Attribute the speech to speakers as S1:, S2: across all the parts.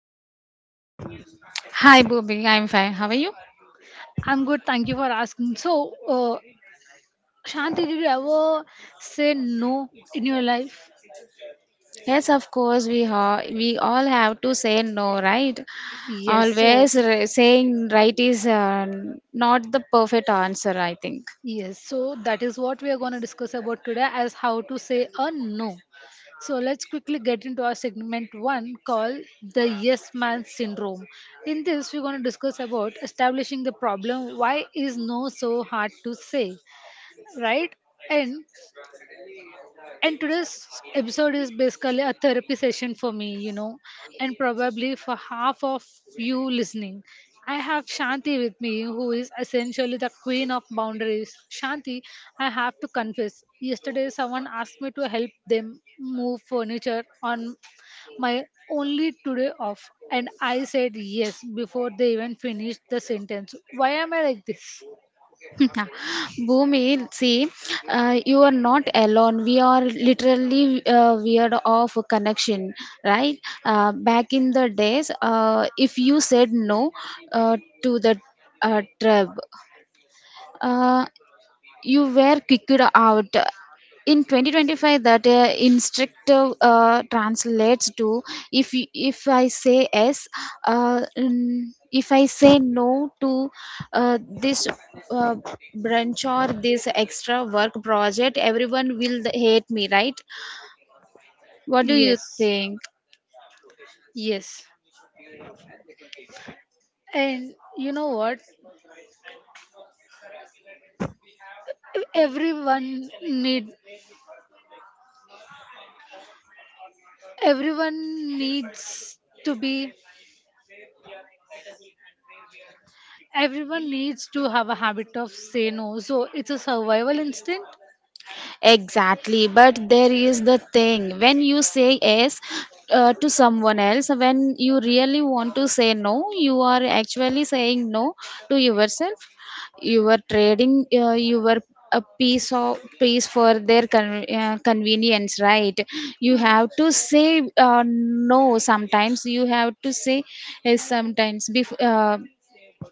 S1: how are you?
S2: Hi, Booby. I'm fine. How are you?
S1: I'm good, thank you for asking. So Shanti, did you ever say no in your life?
S2: Yes, of course. We all have to say no, right?
S1: Yes, so
S2: Saying right is not the perfect answer. I think.
S1: Yes, so that is what we are going to discuss about today as how to say a no. So let's quickly get into our segment one called the yes man syndrome. In this, we're going to discuss about establishing the problem. Why is no so hard to say, right? And and today's episode is basically a therapy session for me, you know, and probably for half of you listening. I have Shanti with me, who is essentially the queen of boundaries. Shanti, I have to confess, yesterday someone asked me to help them move furniture on my only today off, and I said yes before they even finished the sentence. Why am I like this?
S2: Bhumi, see, you are not alone. We are literally weird of connection, right? Back in the days, if you said no to the tribe, uh, you were kicked out in 2025. That instructive translates to if I say yes, uh, mm, if I say no to this uh, branch or this extra work project, everyone will hate me, right? What do you
S1: Yes,
S2: think?
S1: yes. And you know what? everyone need everyone needs to be Everyone needs to have a habit of say no. So it's a survival instinct.
S2: Exactly, but there is the thing: when you say yes to someone else, when you really want to say no, you are actually saying no to yourself. You are trading your a piece of piece for their convenience, right? You have to say no sometimes. You have to say yes
S1: Mm.
S2: sometimes.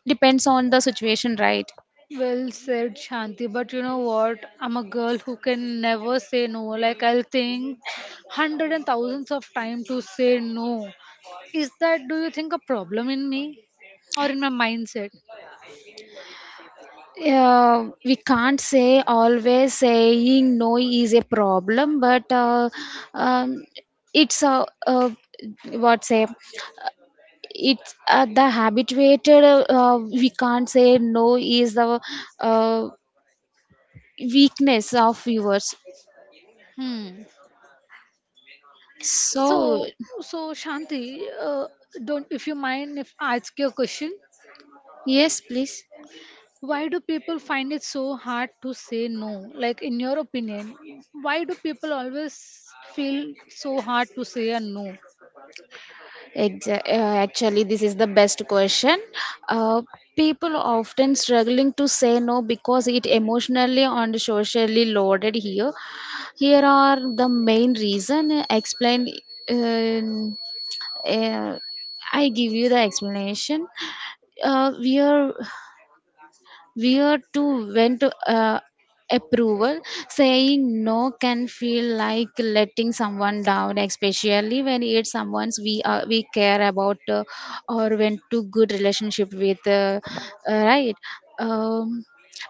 S2: Depends on the situation, right?
S1: Well said, Shanti. But you know what? I'm a girl who can never say no. Like I'll think hundred and thousands of time to say no. Is that do you think a problem in me or in my mindset?
S2: We can't say always saying no is a problem, but um, it's a, what say it's the habituated we can't say no is the uh, weakness of viewers,
S1: Hmm.
S2: so
S1: So so Shanti, don't if you mind if I ask you a question?
S2: yes, please.
S1: Why do people find it so hard to say no? Like, in your opinion, why do people always feel so hard to say a no?
S2: Actually, this is the best question. uh, People often struggling to say no because it emotionally and socially loaded here. Here are the main reason, explained. In uh, I give you the explanation. We are where to vent approval, saying no can feel like letting someone down, especially when it's someone's we are, we care about or went to good relationship with, right? Um,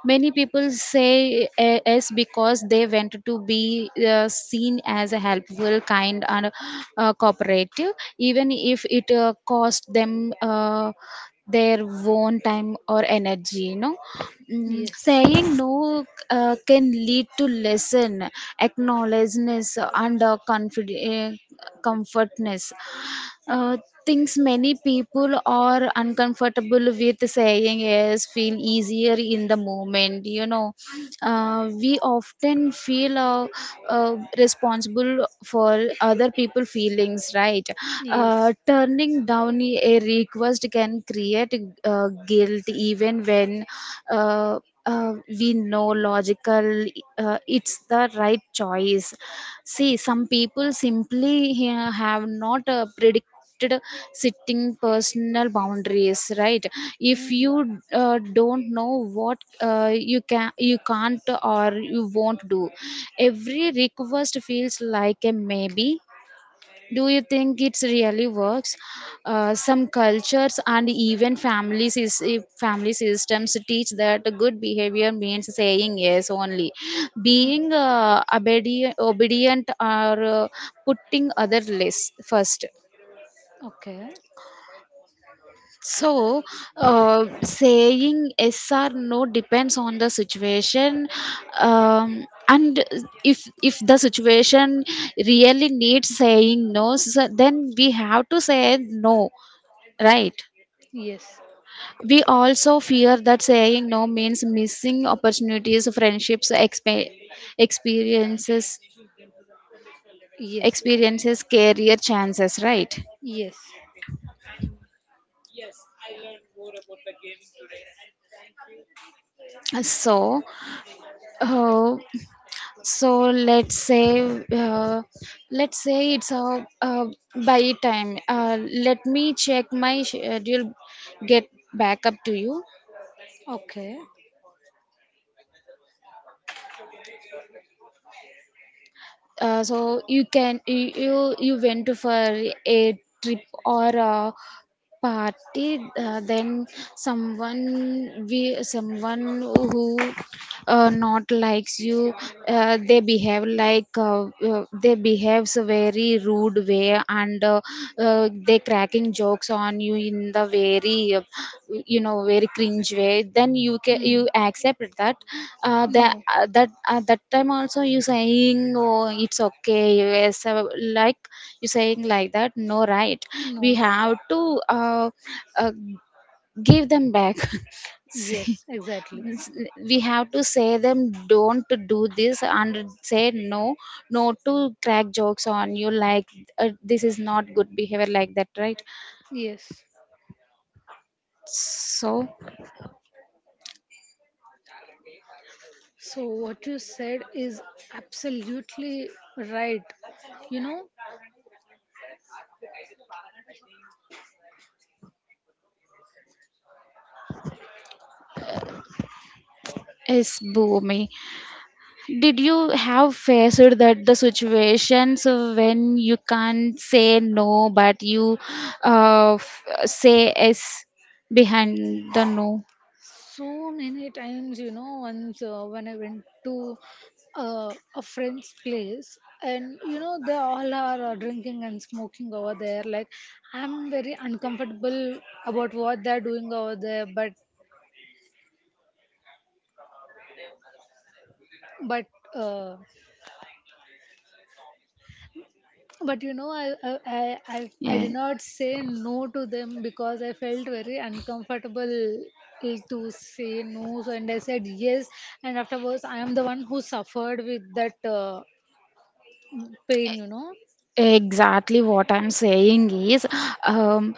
S2: many people say yes because they want to be seen as a helpful kind and cooperative, even if it cost them their own time or energy, you know. Mm,
S1: Yes.
S2: saying no can lead to lesson acknowledgeness and comfortness, uh, things many people are uncomfortable with saying is feel easier in the moment. You know, we often feel responsible for other people' feelings, right?
S1: Yes.
S2: Turning down a request can create guilt even when. Uh, uh, we know logical it's the right choice. See, some people simply have not predicted sitting personal boundaries, right? If you don't know what you can, you can't, or you won't do,
S1: Mm.
S2: every request feels like a maybe. Do you think it really works? Some cultures and even families is family systems teach that good behavior means saying yes only,
S1: Mm.
S2: being obedient or putting other less first.
S1: Okay.
S2: So, saying yes or no depends on the situation, and if the situation really needs saying no, so then we have to say no, right?
S1: Yes.
S2: We also fear that saying no means missing opportunities, friendships, experiences,
S1: Yes.
S2: experiences, career chances, right?
S1: Yes.
S2: So, uh, so uh, let's say it's a, by time let me check my schedule, get back up to you.
S1: Okay.
S2: So you can you, you went for a trip or party, then someone we someone who not likes you, they behave like they behaves a very rude way, and they cracking jokes on you in the very you know very cringe way, then you can
S1: Hmm.
S2: you accept that?
S1: No.
S2: That time also you saying, oh it's okay, yes, like you're saying like that? No, right? We
S1: No.
S2: have to uh, give them back. See,
S1: Yes, exactly.
S2: we have to say them don't do this, and say no, no to crack jokes on you. Like this is not good behavior, like that, right?
S1: Yes.
S2: So
S1: So, what you said is absolutely right. You know,
S2: it's boomy. Did you have faced that the situations when you can't say no, but you say yes behind the no?
S1: so many times, you know, once when I went to a friend's place, and you know, they all are drinking and smoking over there. Like, I'm very uncomfortable about what they're doing over there, but, uh, but you know, I
S2: Yeah.
S1: did not say no to them because I felt very uncomfortable to say no. So, and I said yes, and afterwards, I am the one who suffered with that pain, you know.
S2: Exactly what I'm saying is, um,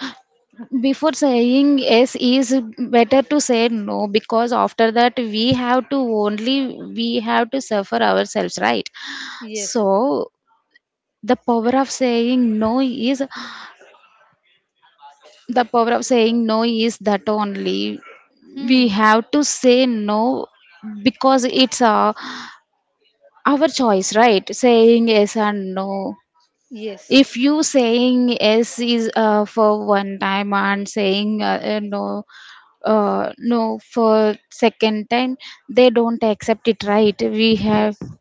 S2: before saying yes is better to say no, because after that we have to only we have to suffer ourselves, right?
S1: Yes.
S2: So the power of saying no is the power of saying no is that only
S1: Hmm.
S2: we have to say no, because it's our choice, right? Saying yes and no,
S1: Yes.
S2: if you saying yes is for one time and saying no no for second time, they don't accept it, right? We have
S1: Yes.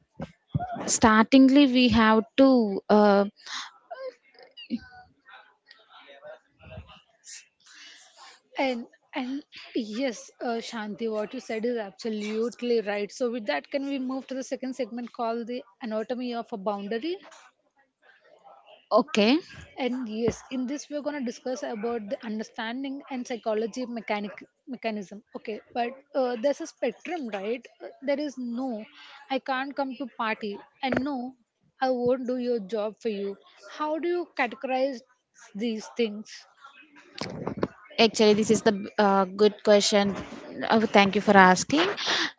S2: startingly we have to
S1: And and yes, Shanti, what you said is absolutely right. So with that, can we move to the second segment called the anatomy of a boundary?
S2: okay.
S1: And yes, in this we're gonna discuss about the understanding and psychology of mechanic mechanism. Okay, but there's a spectrum, right? There is no, I can't come to party, and no, I won't do your job for you. How do you categorize these things?
S2: Actually, this is the good question. Thank you for asking.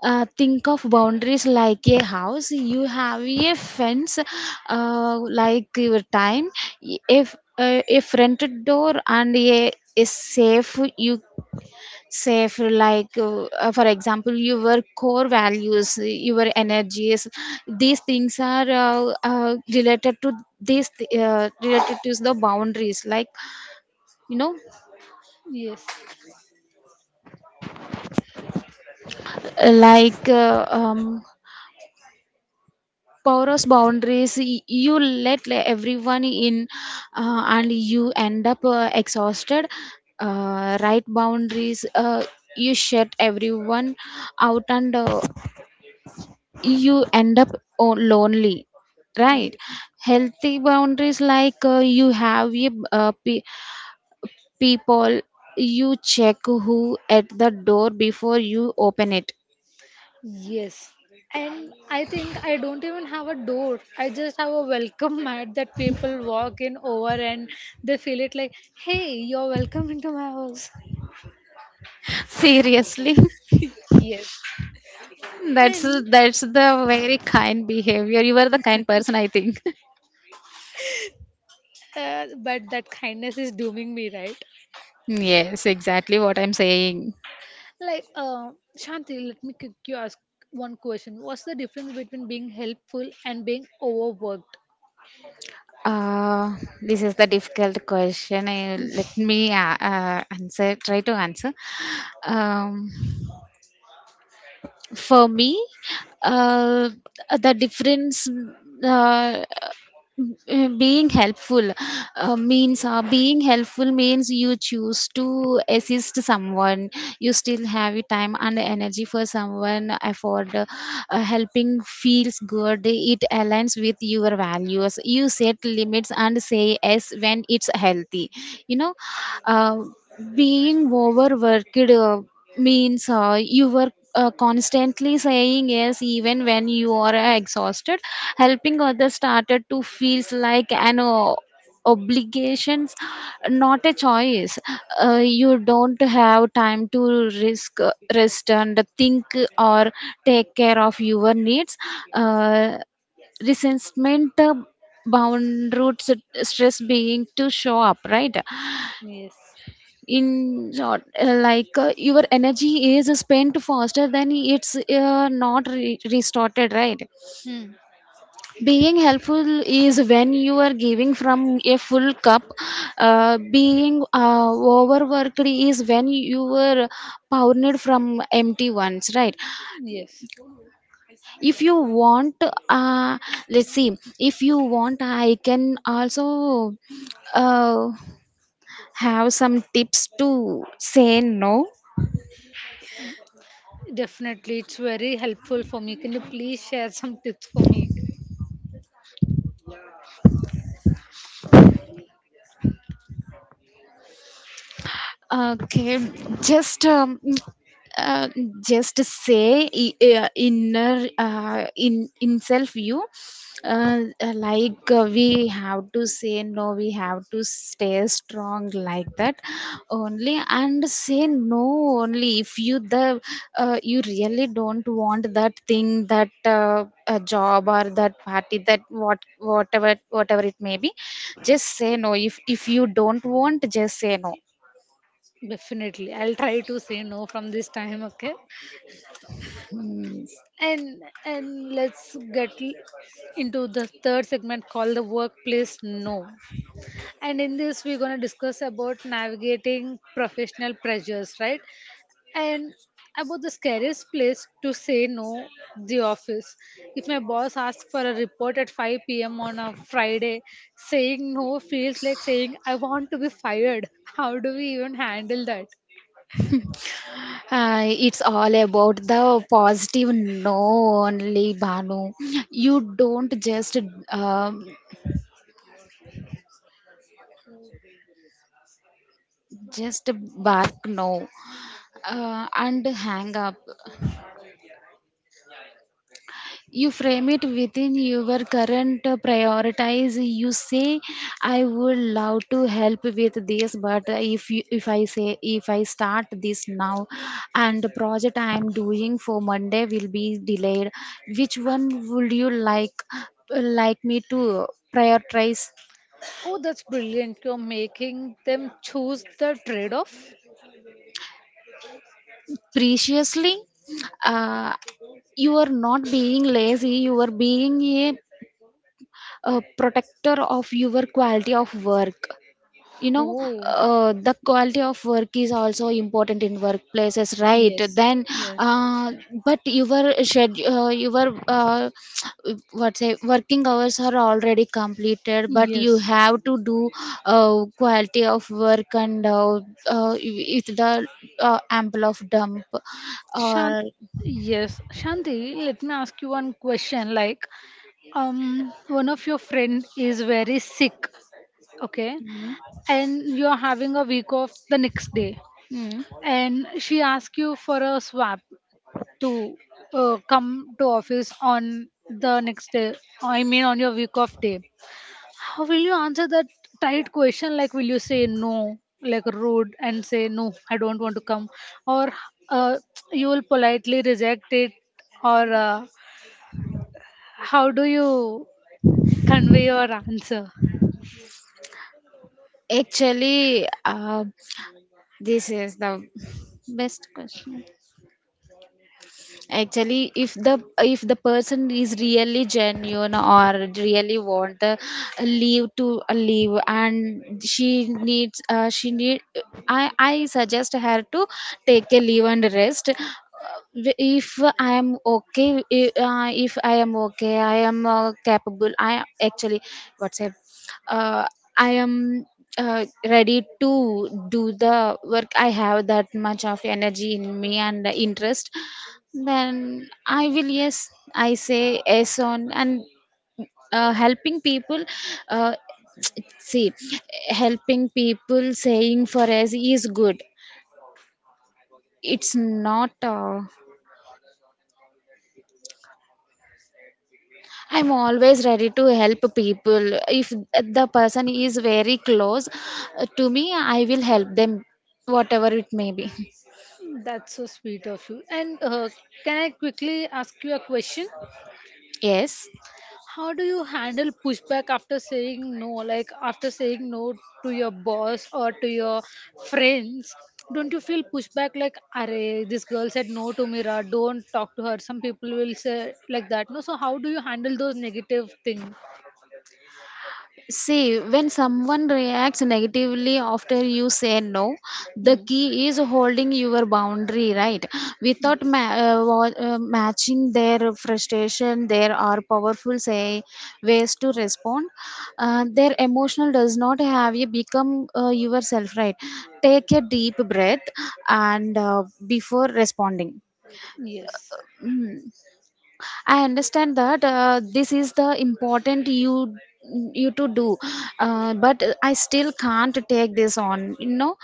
S2: Think of boundaries like a house. You have a fence, like your time. If a fronted door and a is safe, you safe like for example your core values, your energies. These things are related to these related to the boundaries. Like you know,
S1: Yes,
S2: like porous boundaries, you let everyone in and you end up exhausted. Right boundaries, you shut everyone out, and you end up lonely, right?
S1: yes,
S2: Healthy boundaries, like you have a, uh, people, you check who at the door before you open it.
S1: yes. And I think I don't even have a door. I just have a welcome mat that people walk in over and they feel it like, hey, you're welcome into my house.
S2: Seriously.
S1: Yes.
S2: That's
S1: And
S2: the very kind behavior. You are the kind person, I think.
S1: but that kindness is dooming me, right?
S2: Yes, exactly what I'm saying.
S1: Like, Shanti, let me you ask one question. What's the difference between being helpful and being overworked?
S2: Uh, this is the difficult question. I, let me answer. Try to answer. Um, for me, uh, the difference. Uh, Being helpful means you choose to assist someone, you still have time and energy for someone effort. Helping feels good, it aligns with your values, you set limits and say yes when it's healthy, you know. uh, Being overworked means you were constantly saying yes even when you are exhausted. Helping others started to feels like an obligations, not a choice. You don't have time to risk rest and think or take care of your needs. uh, Resentment, bound roots, stress being to show up, right?
S1: Yes.
S2: In short, like your energy is spent faster than it's not restarted, right?
S1: Hmm.
S2: Being helpful is when you are giving from a full cup, being overworked is when you were pounded from empty ones, right?
S1: Yes.
S2: If you want, uh, let's see, if you want I can also uh, have some tips to say no.
S1: Definitely, it's very helpful for me. Can you please share some tips for me?
S2: Okay, just um, uh, just say I- inner in self view, like we have to say no, we have to stay strong, like that only, and say no only if you the you really don't want that thing, that a job or that party, that whatever whatever it may be, just say no. If you don't want, just say no.
S1: Definitely, I'll try to say no from this time. Okay,
S2: Yes.
S1: and let's into the third segment called the workplace no. And in this, we're gonna discuss about navigating professional pressures, right? And about the scariest place to say no, the office. If my boss asks for a report at 5 p.m. on a Friday, saying no feels like saying, I want to be fired. How do we even handle that?
S2: It's all about the positive no only, Banu. You don't um, just bark no and hang up. You frame it within your current prioritize. You say, I would love to help with this, but if you, if I say if I start this now and the project I am doing for Monday will be delayed, which one would you like me to prioritize?
S1: Oh, that's brilliant. You're making them choose the trade off.
S2: Preciously, uh, you are not being lazy, you are being a protector of your quality of work, you know.
S1: Oh,
S2: The quality of work is also important in workplaces, right?
S1: yes,
S2: Then
S1: yes,
S2: uh, but your schedule, your what say working hours are already completed, but you
S1: yes.
S2: have to do quality of work, and if the ample of dump
S1: Shan-
S2: or
S1: yes, Shanti, let me ask you one question. Like, one of your friend is very sick, okay,
S2: mm,
S1: and you're having a week off the next day
S2: mm.
S1: and she asks you for a swap to come to office on the next day, I mean on your week off day. How will you answer that tight question? Like, will you say no like rude and say no I don't want to come, or uh, you will politely reject it, or how do you convey your answer?
S2: Actually, this is the best question. Actually, if the person is really genuine or really want the leave to leave and she needs she need I suggest her to take a leave and rest. If I am okay, if I am okay, I am capable, I actually what's it uh, I am uh, ready to do the work, I have that much of energy in me and interest, then I will yes, I say yes on, and helping people, uh, see, helping people saying for us is good. It's not, I'm always ready to help people. If the person is very close to me, I will help them whatever it may be.
S1: That's so sweet of you, and can I quickly ask you a question?
S2: Yes.
S1: How do you handle pushback after saying no? Like after saying no to your boss or to your friends, don't you feel pushback like, "Arey, this girl said no to me, ra. Don't talk to her." Some people will say like that. No, so how do you handle those negative things?
S2: See, when someone reacts negatively after you say no, the
S1: Hmm.
S2: key is holding your boundary, right. Without
S1: Yes.
S2: matching their frustration, there are powerful say ways to respond. Their emotional does not have you become yourself, right. Take a deep breath and before responding.
S1: Yes.
S2: I understand that this is the important you to do, but I still can't take this on. You know,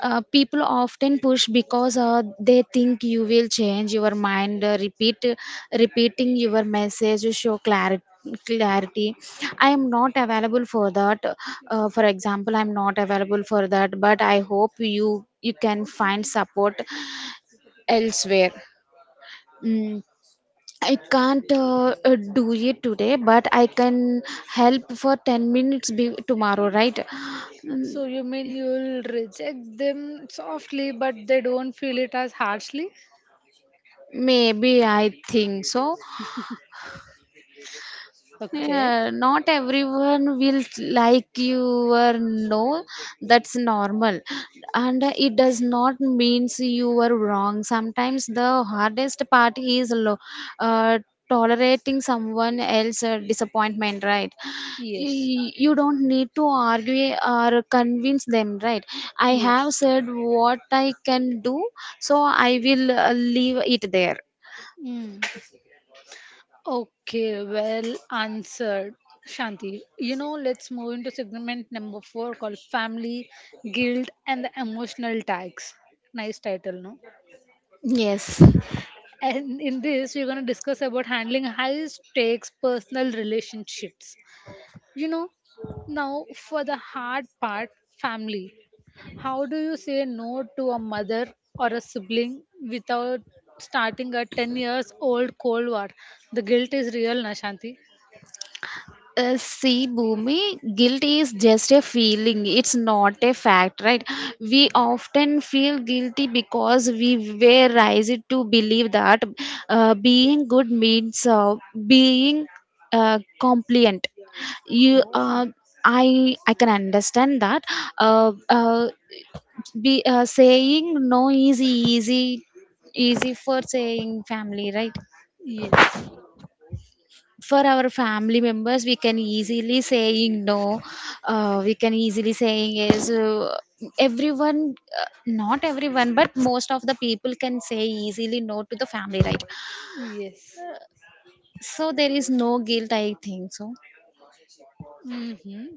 S2: people often push because they think you will change your mind. Repeating your message to show clarity. Clarity. I am not available for that. For example, I'm not available for that. But I hope you can find support elsewhere. Mm I can't do it today, but I can help for 10 minutes tomorrow, right?
S1: So you mean you'll reject them softly, but they don't feel it as harshly?
S2: Maybe I think so.
S1: Okay.
S2: Yeah, not everyone will like you or no, that's normal. And it does not means you are wrong. Sometimes the hardest part is uh, tolerating someone else's disappointment, right?
S1: Yes,
S2: You don't need to argue or convince them, right? I have
S1: yes.
S2: said what I can do, so I will leave it there.
S1: Mm. Okay, well answered, Shanti. You know, let's move into segment number four called Family, Guilt, and the Emotional Tags. Nice title, no?
S2: Yes.
S1: And in this, we're going to discuss about handling high stakes personal relationships. You know, now for the hard part, family. How do you say no to a mother or a sibling without starting a 10 years old Cold War? The guilt is real, Na Shanti.
S2: See, Bhumi, guilt is just a feeling. It's not a fact, right? We often feel guilty because we were raised to believe that being good means being compliant. You,
S1: Oh,
S2: uh, I can understand that. Uh, uh, be Saying no is easy, easy for saying family, right?
S1: yes,
S2: For our family members we can easily saying no, we can easily saying is everyone, not everyone, but most of the people can say easily no to the family, right?
S1: yes.
S2: So there is no guilt, I think so.
S1: Mm-hmm.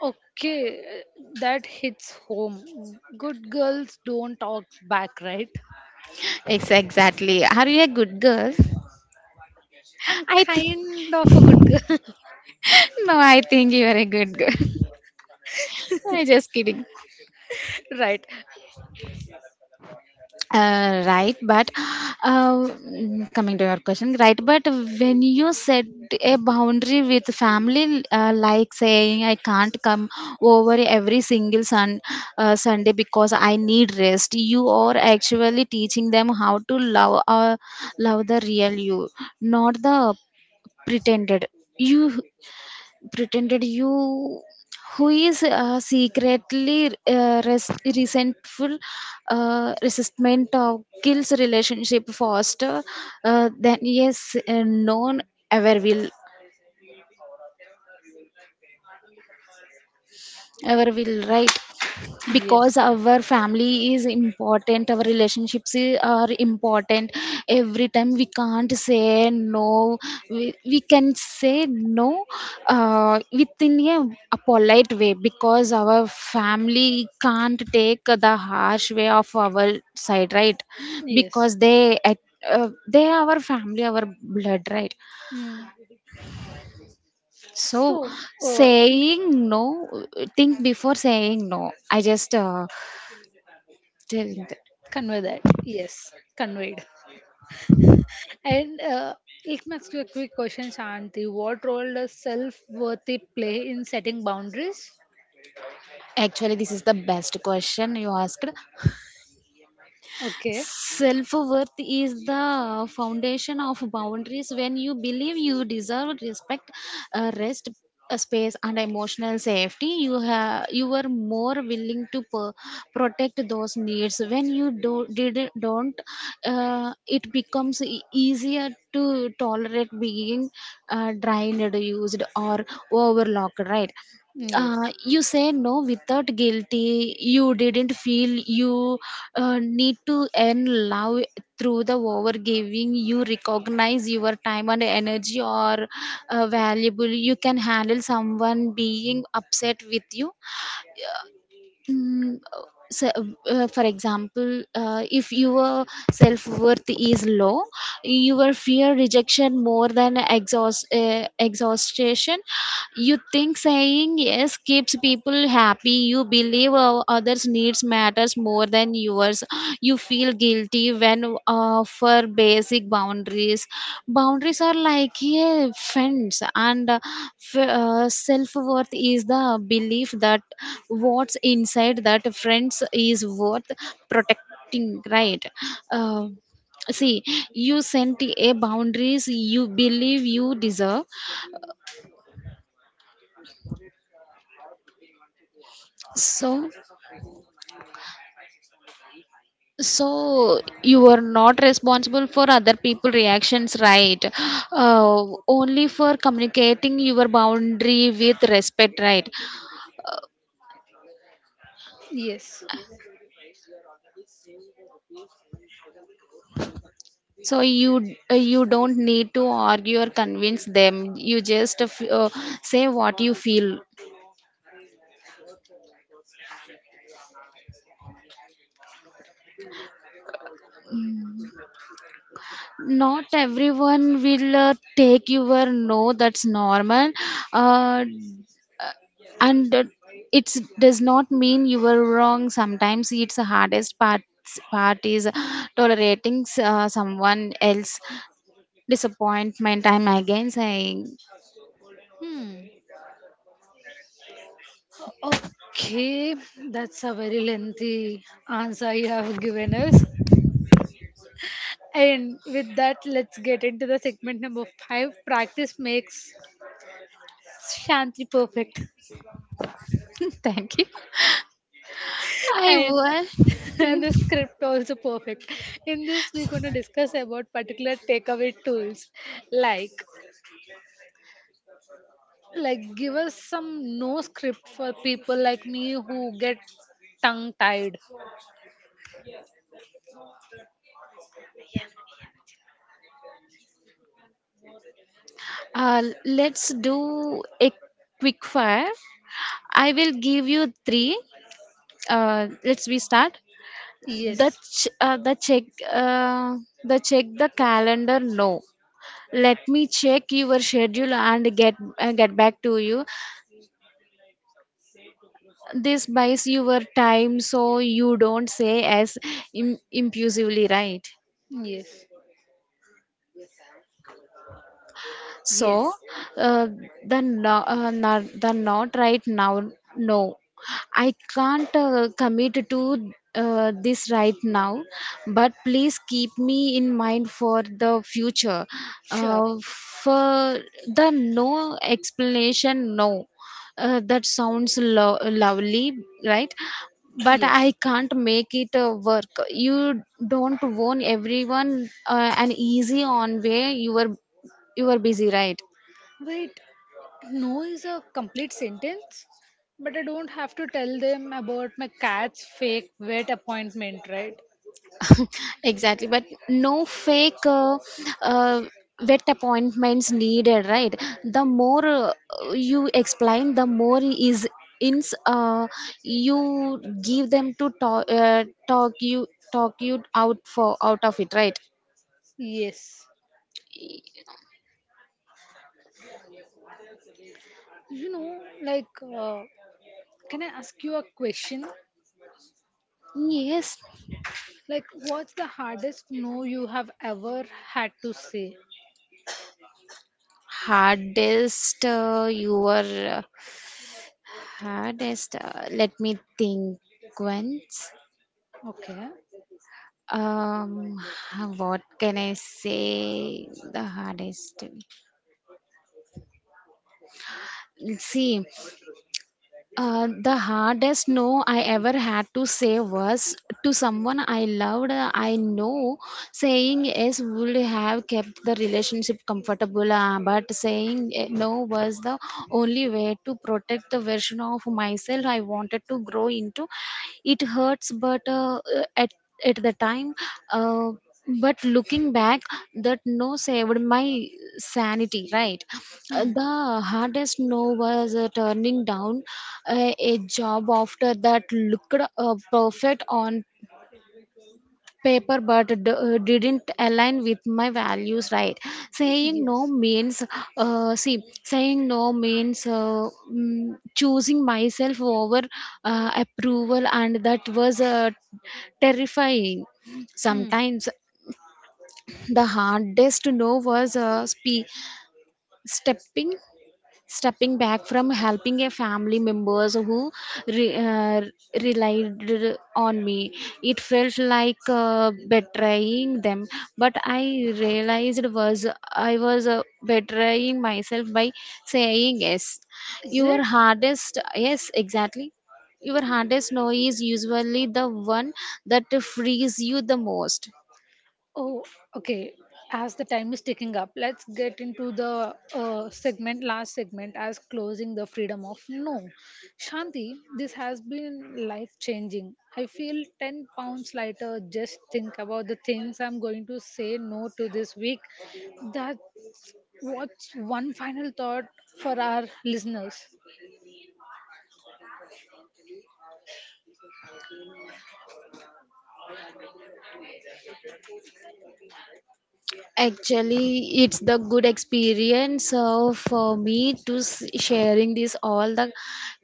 S1: Okay, that hits home. Good girls don't talk back, right?
S2: Exactly, are you a good girl?
S1: I'm
S2: I think,
S1: kind of a good girl.
S2: no, I think you are a good girl. I just kidding.
S1: Right.
S2: Right, but uh, coming to your question, right, but when you set a boundary with family, like saying I can't come over every single Sunday because I need rest, you are actually teaching them how to love, love the real you, not the pretended you, pretended you, who is secretly resentful. Resentment of kills relationship faster than yes known ever will, our will, right? Because
S1: Yes.
S2: our family is important, our relationships are important. Every time we can't say no, we can say no within a polite way because our family can't take the harsh way of our side, right?
S1: Yes.
S2: Because they are our family, our blood, right?
S1: Mm.
S2: So
S1: So, uh,
S2: saying no, think before saying no. I just tell you that.
S1: convey that. Yes. Conveyed. And let me ask you a quick question, Shanti. What role does self worthy play in setting boundaries?
S2: Actually, this is the best question you asked.
S1: Okay.
S2: Self worth is the foundation of boundaries. When you believe you deserve respect, rest, space, and emotional safety, you are more willing to protect those needs. When you do did don't, it becomes easier to tolerate being drained, used, or overlooked, right?
S1: Yes.
S2: You say no without guilty, you didn't feel you need to earn love through the overgiving. You recognize your time and energy are valuable, you can handle someone being upset with you. Mm, uh, so, for example, if your self worth is low, your fear rejection more than exhaustion. You think saying yes keeps people happy. You believe others' needs matters more than yours. You feel guilty when for basic boundaries. Boundaries are like, yeah, fence, and self worth is the belief that what's inside that friends is worth protecting, right? Uh, See, you sent a boundaries, you believe you deserve, so so you are not responsible for other people reactions, right? Only for communicating your boundary with respect, right?
S1: Yes.
S2: So you don't need to argue or convince them. You just say what you feel. Mm. Not everyone will take your no. That's normal. Uh, and it does not mean you were wrong. Sometimes it's the hardest part is tolerating someone else disappointment, I'm again saying.
S1: Hmm. Okay. That's a very lengthy answer you have given us. And with that, let's get into the segment number five, practice makes Shanti perfect.
S2: Thank you, I
S1: And
S2: will.
S1: and the script also perfect. In this we're gonna discuss about particular takeaway tools. Like like give us some no script for people like me who get tongue tied.
S2: Let's do a quick fire, I will give you three. Let's We start.
S1: Yes.
S2: The check, uh, the check the calendar. No, let me check your schedule and get back to you. This buys your time, so you don't say yes impulsively, right?
S1: Yes.
S2: So
S1: Yes.
S2: uh, the no, the not right now. No, I can't commit to this right now. But please keep me in mind for the future.
S1: Sure.
S2: For the no explanation, no. That sounds lovely, right? But I
S1: Yes.
S2: can't make it work. You don't want everyone an easy on way, you are busy, right?
S1: Wait, no is a complete sentence? But I don't have to tell them about my cat's fake vet appointment, right?
S2: Exactly. But no fake uh, wet appointments needed, right? The more you explain, the more is ins you give them to talk you out for out of it, right?
S1: Yes. You know, like, can I ask you a question?
S2: Yes,
S1: Like, what's the hardest no you have ever had to say?
S2: hardest uh, your uh, hardest, let me think once.
S1: Okay.
S2: Um, what can I say? The hardest. See, the hardest no I ever had to say was to someone I loved. I know saying yes would have kept the relationship comfortable, but saying no was the only way to protect the version of myself I wanted to grow into. It hurts, but at the time, uh, but looking back, that no saved my sanity, right?
S1: Hmm.
S2: The hardest no was turning down a job after that looked perfect on paper, but didn't align with my values, right? Saying no
S1: Yes.
S2: means, see, saying no means choosing myself over approval, and that was terrifying. Sometimes the hardest no was
S1: Hmm.
S2: stepping, stepping back from helping a family members who re- uh, relied on me. It felt like betraying them, but I realized was I was betraying myself by saying yes.
S1: Is
S2: Your
S1: it?
S2: hardest yes, exactly, your hardest no is usually the one that frees you the most.
S1: Oh, okay. As the time is ticking up, let's get into the segment, last segment, as closing the freedom of no. Shanti, this has been life changing. I feel 10 pounds lighter. Just think about the things I'm going to say no to this week. That, what's one final thought for our listeners?
S2: Actually, it's the good experience for me to sharing this all the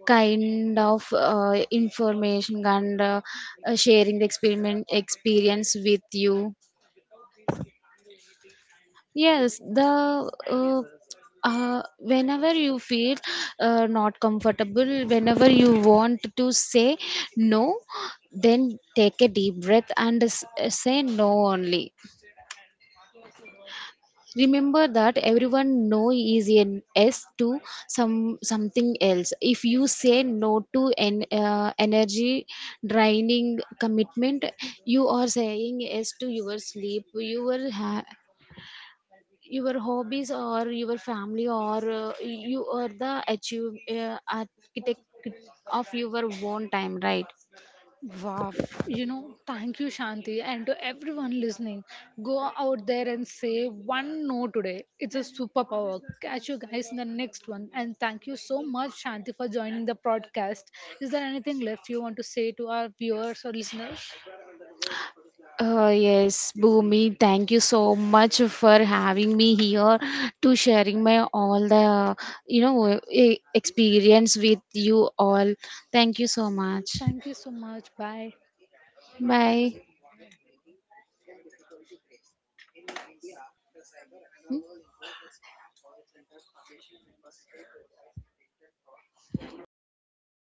S2: kind of information and sharing the experiment experience with you. Yes, the whenever you feel not comfortable, whenever you want to say no, then take a deep breath and say no only. Remember that everyone no is an s to some something else. If you say no to an energy draining commitment, you are saying yes to your sleep, your your hobbies, or your family, or you are the achieve architect of your own time, right?
S1: Wow, you know, thank you, Shanti, and to everyone listening. Go out there and say one no today. It's a superpower. Catch you guys in the next one. And thank you so much, Shanti, for joining the podcast. Is there anything left you want to say to our viewers or listeners?
S2: Oh, yes, Bhumi, thank you so much for having me here to sharing my all the, you know, experience with you all. Thank you so much.
S1: Thank you so much. Bye.
S2: Bye. Hmm?